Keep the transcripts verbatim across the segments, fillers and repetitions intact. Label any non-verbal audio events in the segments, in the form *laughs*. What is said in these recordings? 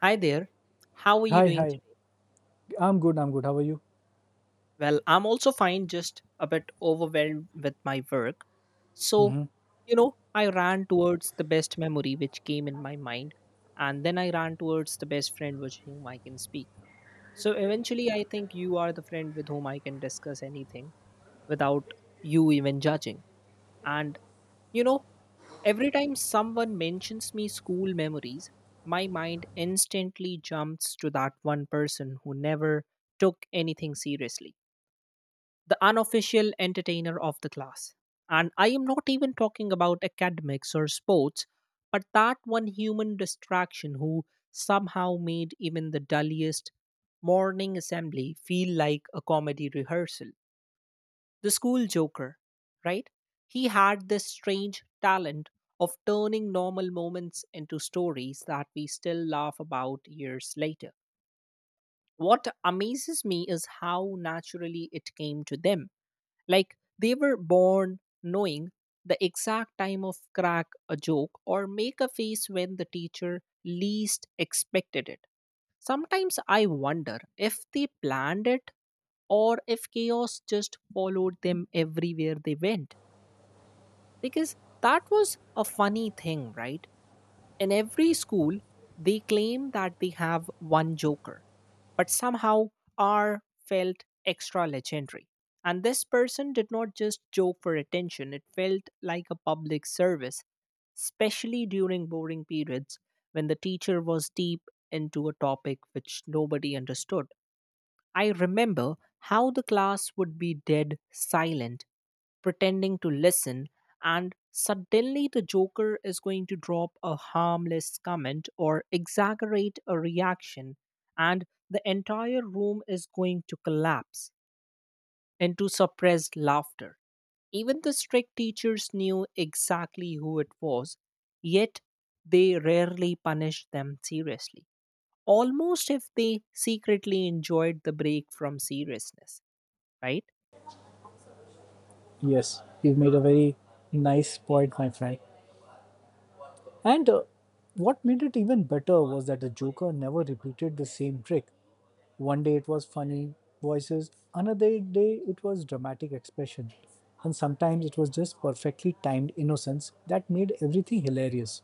Hi there. How are you Hi, doing hi. today? I'm good. I'm good. How are you? Well, I'm also fine, just a bit overwhelmed with my work. So, Hmm. you know, I ran towards the best memory which came in my mind, and then I ran towards the best friend with whom I can speak. So, eventually, I think you are the friend with whom I can discuss anything without you even judging. And, you know, every time someone mentions me school memories, my mind instantly jumps to that one person who never took anything seriously, the unofficial entertainer of the class. And I am not even talking about academics or sports, but that one human distraction who somehow made even the dullest morning assembly feel like a comedy rehearsal the school joker, right? He had this strange talent of turning normal moments into stories that we still laugh about years later. What amazes me is how naturally it came to them. Like they were born knowing the exact time of crack a joke or make a face when the teacher least expected it. Sometimes I wonder if they planned it or if chaos just followed them everywhere they went. Because that was a funny thing, right? In every school, they claim that they have one joker, but somehow R felt extra legendary. And this person did not just joke for attention, it felt like a public service, especially during boring periods when the teacher was deep into a topic which nobody understood. I remember how the class would be dead silent pretending to listen, and suddenly the Joker is going to drop a harmless comment or exaggerate a reaction, and the entire room is going to collapse into suppressed laughter. Even the strict teachers knew exactly who it was, yet they rarely punished them seriously. Almost if they secretly enjoyed the break from seriousness, right? Yes, you've made a very nice point, my friend. And uh, what made it even better was that the Joker never repeated the same trick. One day it was funny voices, another day it was dramatic expression, and sometimes it was just perfectly timed innocence that made everything hilarious.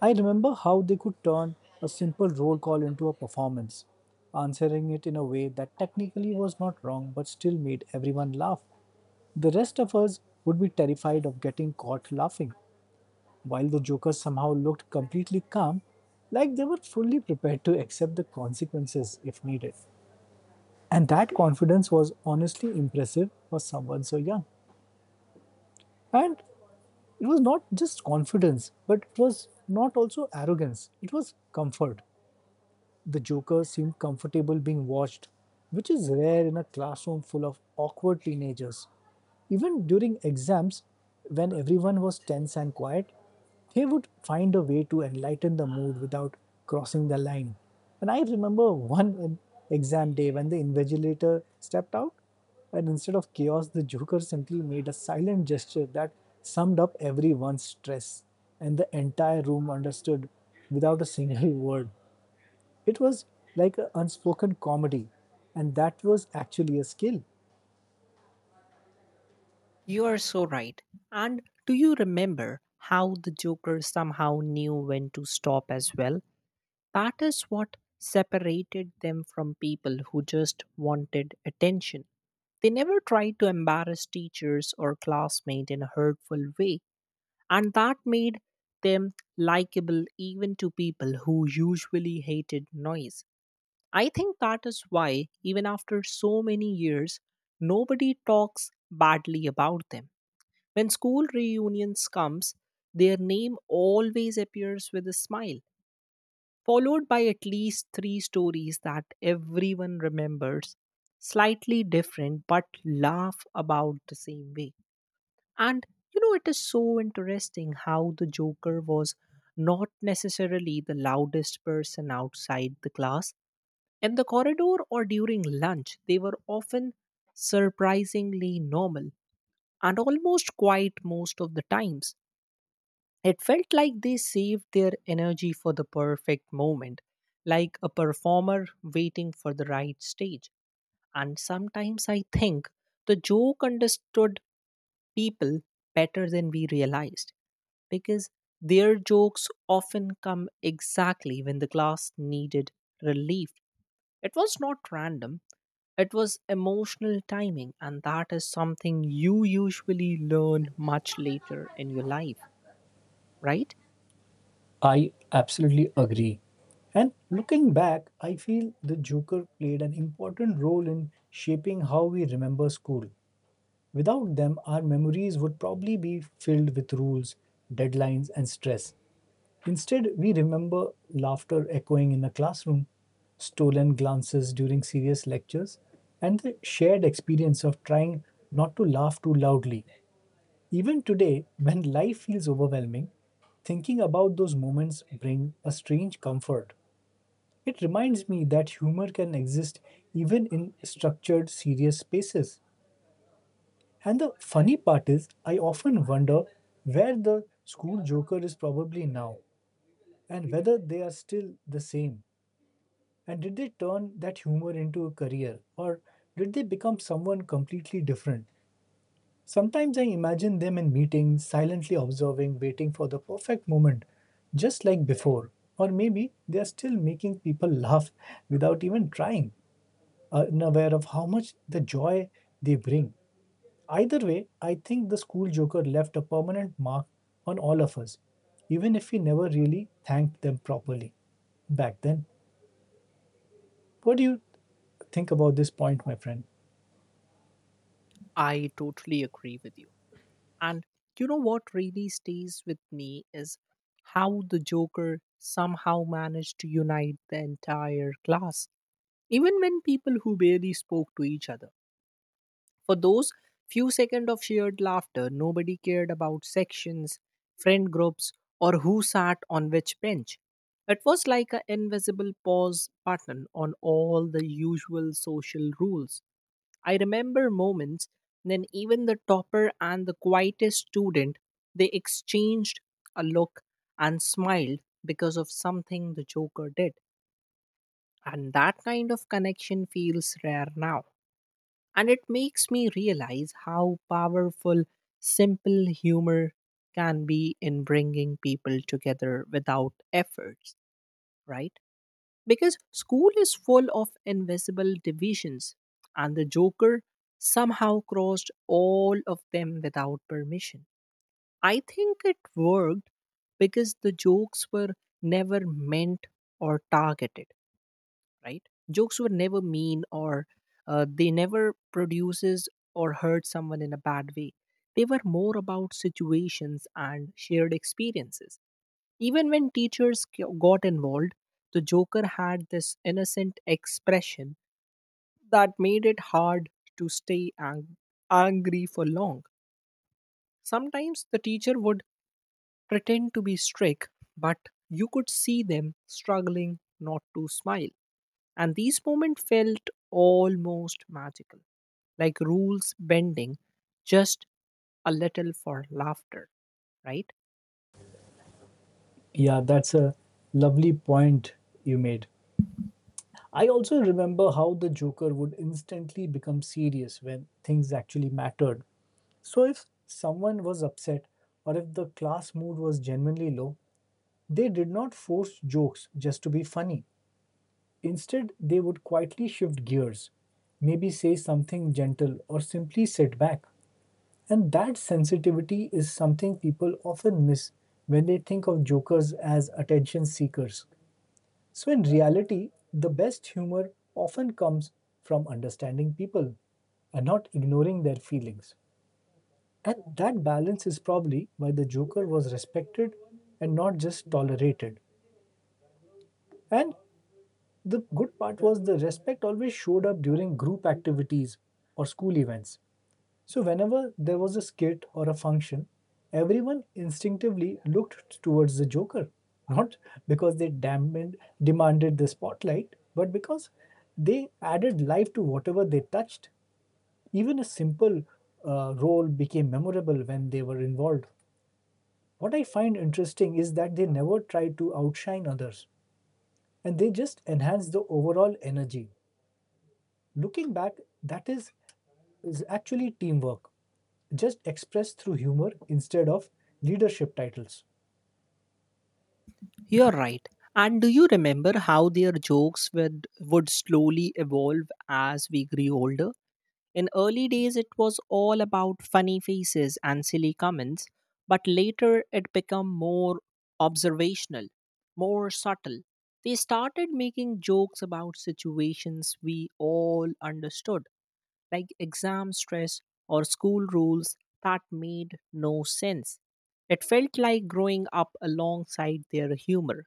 I remember how they could turn a simple roll call into a performance, answering it in a way that technically was not wrong but still made everyone laugh. The rest of us would be terrified of getting caught laughing, while the jokers somehow looked completely calm, like they were fully prepared to accept the consequences if needed. And that confidence was honestly impressive for someone so young. And it was not just confidence, but it was not also arrogance, it was comfort. The Joker seemed comfortable being watched, which is rare in a classroom full of awkward teenagers. Even during exams, when everyone was tense and quiet, he would find a way to enlighten the mood without crossing the line. And I remember one in- exam day when the invigilator stepped out, and instead of chaos, the Joker simply made a silent gesture that summed up everyone's stress, and the entire room understood without a single *laughs* word. It was like an unspoken comedy, and that was actually a skill. You are so right. And do you remember how the Joker somehow knew when to stop as well? That is what separated them from people who just wanted attention. They never tried to embarrass teachers or classmates in a hurtful way, and that made them likable even to people who usually hated noise. I think that is why, even after so many years, nobody talks badly about them when school reunions comes, their name always appears with a smile, followed by at least three stories that everyone remembers, slightly different but laugh about the same way. And you know, it is so interesting how the Joker was not necessarily the loudest person outside the class. In the corridor or during lunch, they were often surprisingly normal and almost quiet most of the times. It felt like they saved their energy for the perfect moment, like a performer waiting for the right stage. And sometimes I think the joke understood people better than we realized because their jokes often come exactly when the class needed relief. It was not random, it was emotional timing, and that is something you usually learn much later in your life, right? I absolutely agree. And looking back, I feel the Joker played an important role in shaping how we remember school. Without them, our memories would probably be filled with rules, deadlines, and stress. Instead, we remember laughter echoing in the classroom, stolen glances during serious lectures, and the shared experience of trying not to laugh too loudly. Even today, when life feels overwhelming, thinking about those moments bring a strange comfort. It reminds me that humor can exist even in structured, serious spaces. And the funny part is, I often wonder where the school joker is probably now and whether they are still the same. And did they turn that humor into a career or did they become someone completely different? Sometimes I imagine them in meetings, silently observing, waiting for the perfect moment, just like before. Or maybe they are still making people laugh without even trying, unaware of how much the joy they bring. Either way, I think the school joker left a permanent mark on all of us, even if we never really thanked them properly back then. What do you think about this point, my friend? I totally agree with you. And you know what really stays with me is how the Joker somehow managed to unite the entire class, even when people who barely spoke to each other. For those few seconds of shared laughter, nobody cared about sections, friend groups, or who sat on which bench. It was like an invisible pause button on all the usual social rules. I remember moments when even the topper and the quietest student they exchanged a look and smiled because of something the joker did. And that kind of connection feels rare now. And it makes me realize how powerful simple humor can be in bringing people together without efforts, right? Because school is full of invisible divisions and the joker somehow crossed all of them without permission. I think it worked because the jokes were never meant or targeted, right? Jokes were never mean or uh, they never produces or hurt someone in a bad way. They were more about situations and shared experiences. Even when teachers g- got involved, the Joker had this innocent expression that made it hard to stay ang- angry for long. Sometimes the teacher would pretend to be strict, but you could see them struggling not to smile. And these moments felt almost magical, like rules bending just a little for laughter, right? Yeah, that's a lovely point you made. I also remember how the Joker would instantly become serious when things actually mattered. So, if someone was upset or if the class mood was genuinely low, they did not force jokes just to be funny. Instead, they would quietly shift gears, maybe say something gentle or simply sit back. And that sensitivity is something people often miss when they think of jokers as attention seekers. So, in reality, the best humor often comes from understanding people and not ignoring their feelings. And that balance is probably why the Joker was respected and not just tolerated. And the good part was the respect always showed up during group activities or school events. So, whenever there was a skit or a function, everyone instinctively looked towards the Joker, not because they damned, demanded the spotlight, but because they added life to whatever they touched. Even a simple uh, role became memorable when they were involved. What I find interesting is that they never tried to outshine others and they just enhanced the overall energy. Looking back, that is is actually teamwork, just expressed through humor instead of leadership titles. You're right. And do you remember how their jokes would, would slowly evolve as we grew older? In early days, it was all about funny faces and silly comments, but later it became more observational, more subtle. They started making jokes about situations we all understood, like exam stress or school rules that made no sense. It felt like growing up alongside their humor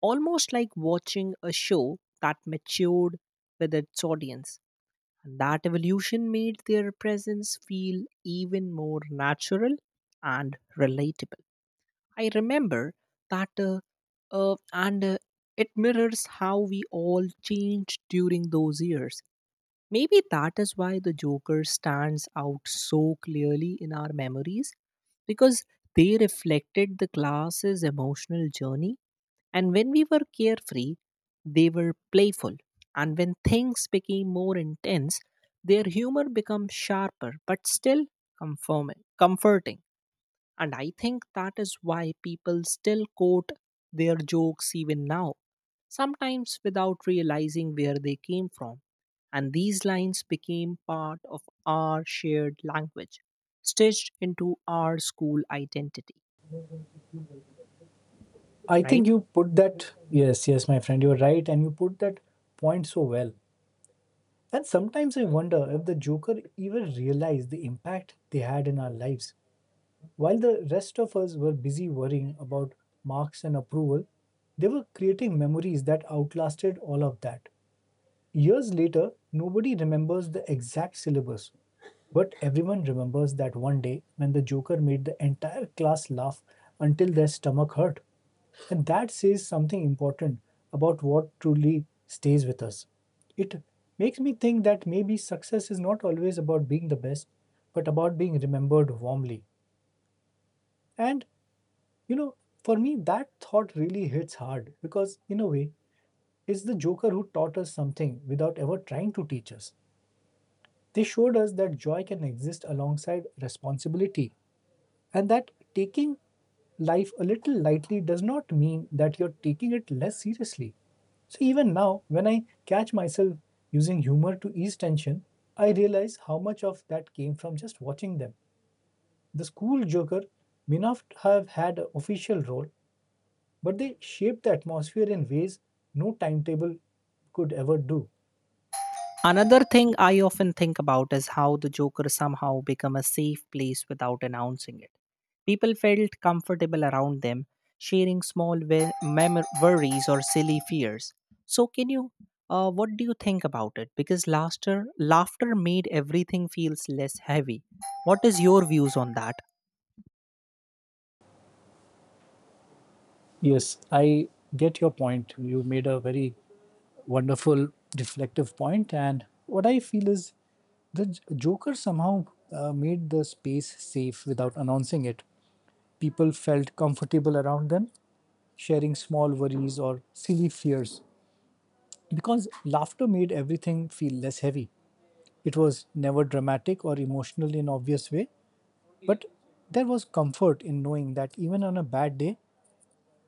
almost like watching a show that matured with its audience. And that evolution made their presence feel even more natural and relatable. I remember that, uh, uh, and uh, it mirrors how we all changed during those years. Maybe that is why the Joker stands out so clearly in our memories because they reflected the class's emotional journey and when we were carefree, they were playful. And when things became more intense, their humor became sharper but still conforming, comforting. And I think that is why people still quote their jokes even now, sometimes without realizing where they came from. And these lines became part of our shared language, stitched into our school identity, I right? think you put that, yes, yes, my friend, you're right, and you put that point so well. And sometimes I wonder if the Joker even realized the impact they had in our lives. While the rest of us were busy worrying about marks and approval, they were creating memories that outlasted all of that. Years later, nobody remembers the exact syllabus, but everyone remembers that one day when the Joker made the entire class laugh until their stomach hurt. And that says something important about what truly stays with us. It makes me think that maybe success is not always about being the best, but about being remembered warmly. And, you know, for me, that thought really hits hard because, in a way, it's the Joker who taught us something without ever trying to teach us. They showed us that joy can exist alongside responsibility and that taking life a little lightly does not mean that you're taking it less seriously. So, even now, when I catch myself using humor to ease tension, I realize how much of that came from just watching them. The school joker may not have had an official role, but they shaped the atmosphere in ways no timetable could ever do. Another thing I often think about is how the Joker somehow became a safe place without announcing it. People felt comfortable around them, sharing small we- mem- worries or silly fears. So, can you, uh, what do you think about it? Because laughter, laughter made everything feels less heavy. What is your views on that? Yes, I get your point. You made a very wonderful reflective point point. And what I feel is, the joker somehow uh, made the space safe without announcing it. People felt comfortable around them, sharing small worries or silly fears, because laughter made everything feel less heavy. It was never dramatic or emotional in obvious way, but there was comfort in knowing that even on a bad day,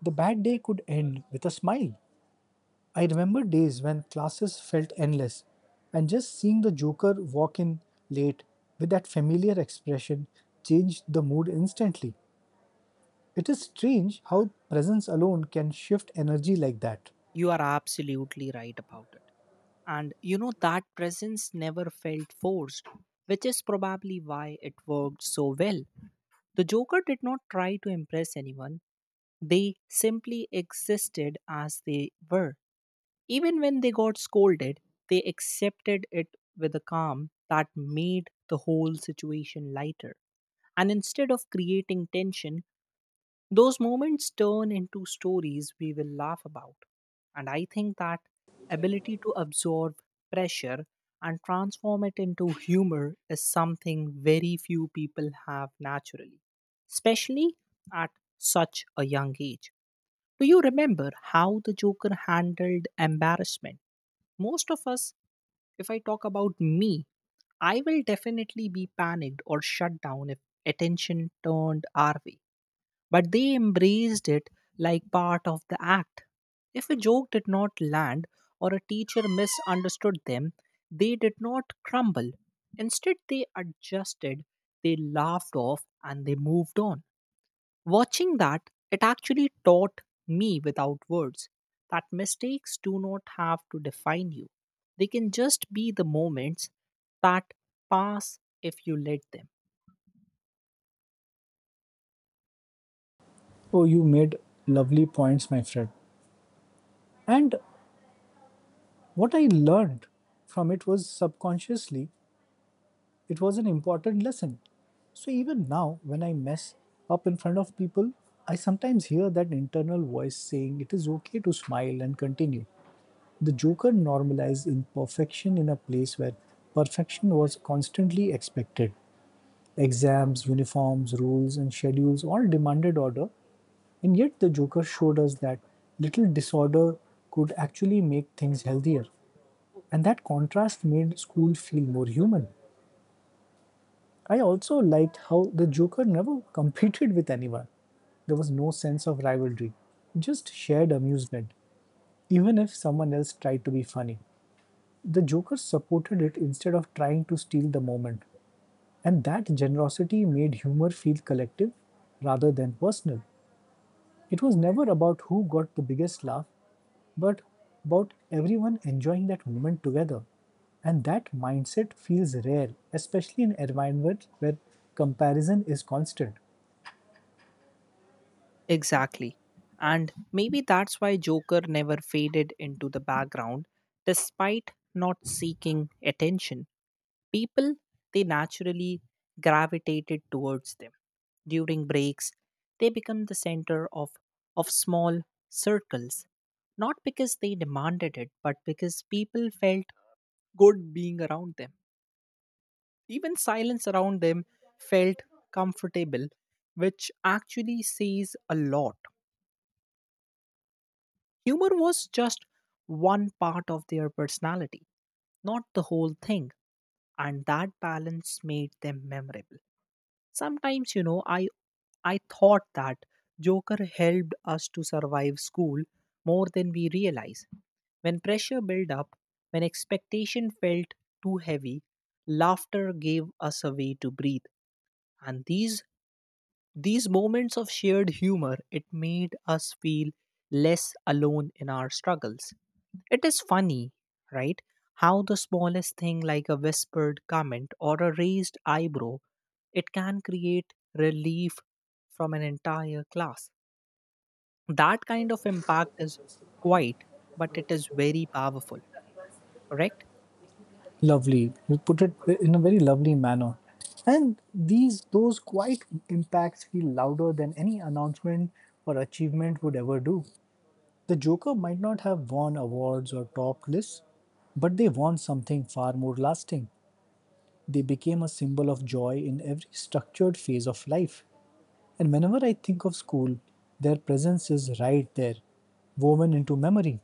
the bad day could end with a smile. I remember days when classes felt endless, and just seeing the Joker walk in late with that familiar expression changed the mood instantly. It is strange how presence alone can shift energy like that. You are absolutely right about it. And you know that presence never felt forced, which is probably why it worked so well. The Joker did not try to impress anyone, they simply existed as they were. Even when they got scolded, they accepted it with a calm that made the whole situation lighter. And instead of creating tension, those moments turn into stories we will laugh about. And I think that ability to absorb pressure and transform it into humor is something very few people have naturally, especially at such a young age. Do you remember how the Joker handled embarrassment? Most of us if I talk about me, I will definitely be panicked or shut down if attention turned our way. But they embraced it like part of the act. If a joke did not land or a teacher misunderstood them, they did not crumble. Instead, they adjusted, they laughed off, and they moved on. Watching that, it actually taught me without words that mistakes do not have to define you. They can just be the moments that pass if you let them. Oh, you made lovely points, my friend. And what I learned from it was subconsciously, it was an important lesson. So even now, when I mess up in front of people, I sometimes hear that internal voice saying it is okay to smile and continue. The Joker normalized imperfection in a place where perfection was constantly expected. Exams, uniforms, rules, and schedules all demanded order, and yet the Joker showed us that little disorder could actually make things healthier. And that contrast made school feel more human. I also liked how the Joker never *laughs* competed with anyone. There was no sense of rivalry, just shared amusement, even if someone else tried to be funny. The Joker supported it instead of trying to steal the moment, and that generosity made humor feel collective rather than personal. It was never about who got the biggest laugh, but about everyone enjoying that moment together. And that mindset feels rare, especially in environments where comparison is constant. Exactly. And maybe that's why Joker never faded into the background despite not seeking attention. People, they naturally gravitated towards them. During breaks, they become the center of, of small circles, not because they demanded it, but because people felt good being around them. Even silence around them felt comfortable, which actually says a lot. Humor was just one part of their personality, not the whole thing, and that balance made them memorable. Sometimes, you know, I I thought that Joker helped us to survive school more than we realize. When pressure built up, when expectation felt too heavy, laughter gave us a way to breathe. And these these moments of shared humor, it made us feel less alone in our struggles. It is funny, right? How the smallest thing like a whispered comment or a raised eyebrow, it can create relief from an entire class. That kind of impact is quiet, but it is very powerful, correct? Lovely. You put it in a very lovely manner. And these those quiet impacts feel louder than any announcement or achievement would ever do. The Joker might not have won awards or top lists, but they won something far more lasting. They became a symbol of joy in every structured phase of life. And whenever I think of school, their presence is right there, woven into memory.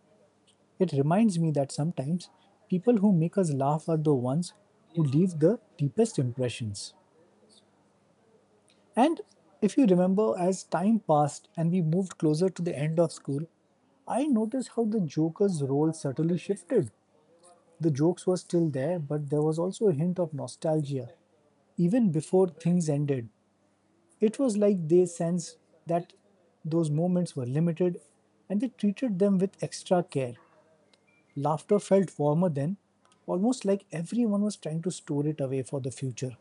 It reminds me that sometimes people who make us laugh are the ones who leave the deepest impressions. And if you remember, as time passed and we moved closer to the end of school, I noticed how the Joker's role subtly shifted. The jokes were still there, but there was also a hint of nostalgia. Even before things ended, it was like they sensed that those moments were limited and they treated them with extra care. Laughter felt warmer then, almost like everyone was trying to store it away for the future.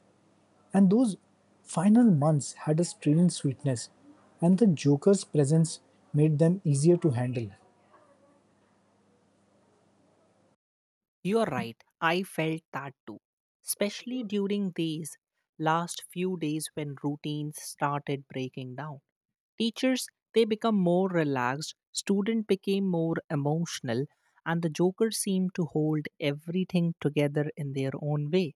And those final months had a strange sweetness, and the Joker's presence made them easier to handle. You are right. I felt that too. Especially during these last few days when routines started breaking down. Teachers they become more relaxed, student became more emotional, and the jokers seemed to hold everything together in their own way.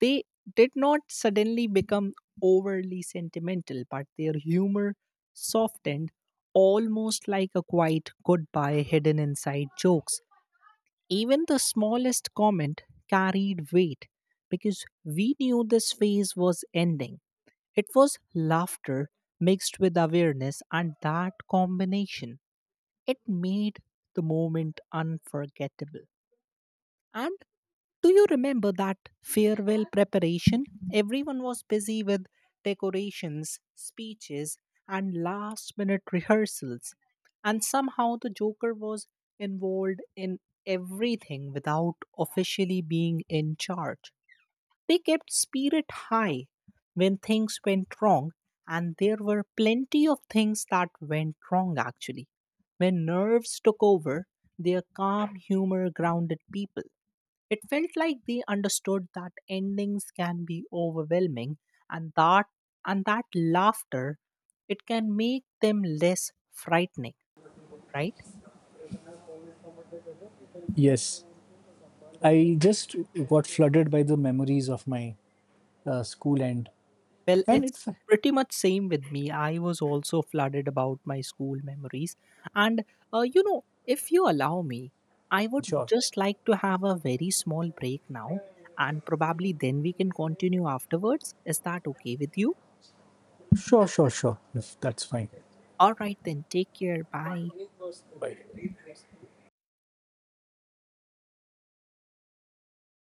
They did not suddenly become overly sentimental, but their humor softened almost like a quiet goodbye hidden inside jokes. Even the smallest comment carried weight because we knew this phase was ending. It was laughter mixed with awareness, and that combination, it made the moment unforgettable. And do you remember that farewell preparation? Everyone was busy with decorations, speeches, and last minute rehearsals. And somehow the Joker was involved in everything without officially being in charge. They kept spirit high when things went wrong, and there were plenty of things that went wrong actually. When nerves took over, their calm humor grounded people. It felt like they understood that endings can be overwhelming and that and that laughter it can make them less frightening, right? Yes, I just got flooded by the memories of my uh, school. and Well, And it's it's pretty much same with me. I was also flooded about my school memories, and uh, you know, if you allow me, I would sure, just like to have a very small break now, and probably then we can continue afterwards. Is that okay with you? sure, sure, sure. Yes, that's fine. All right, then. Take care. Bye.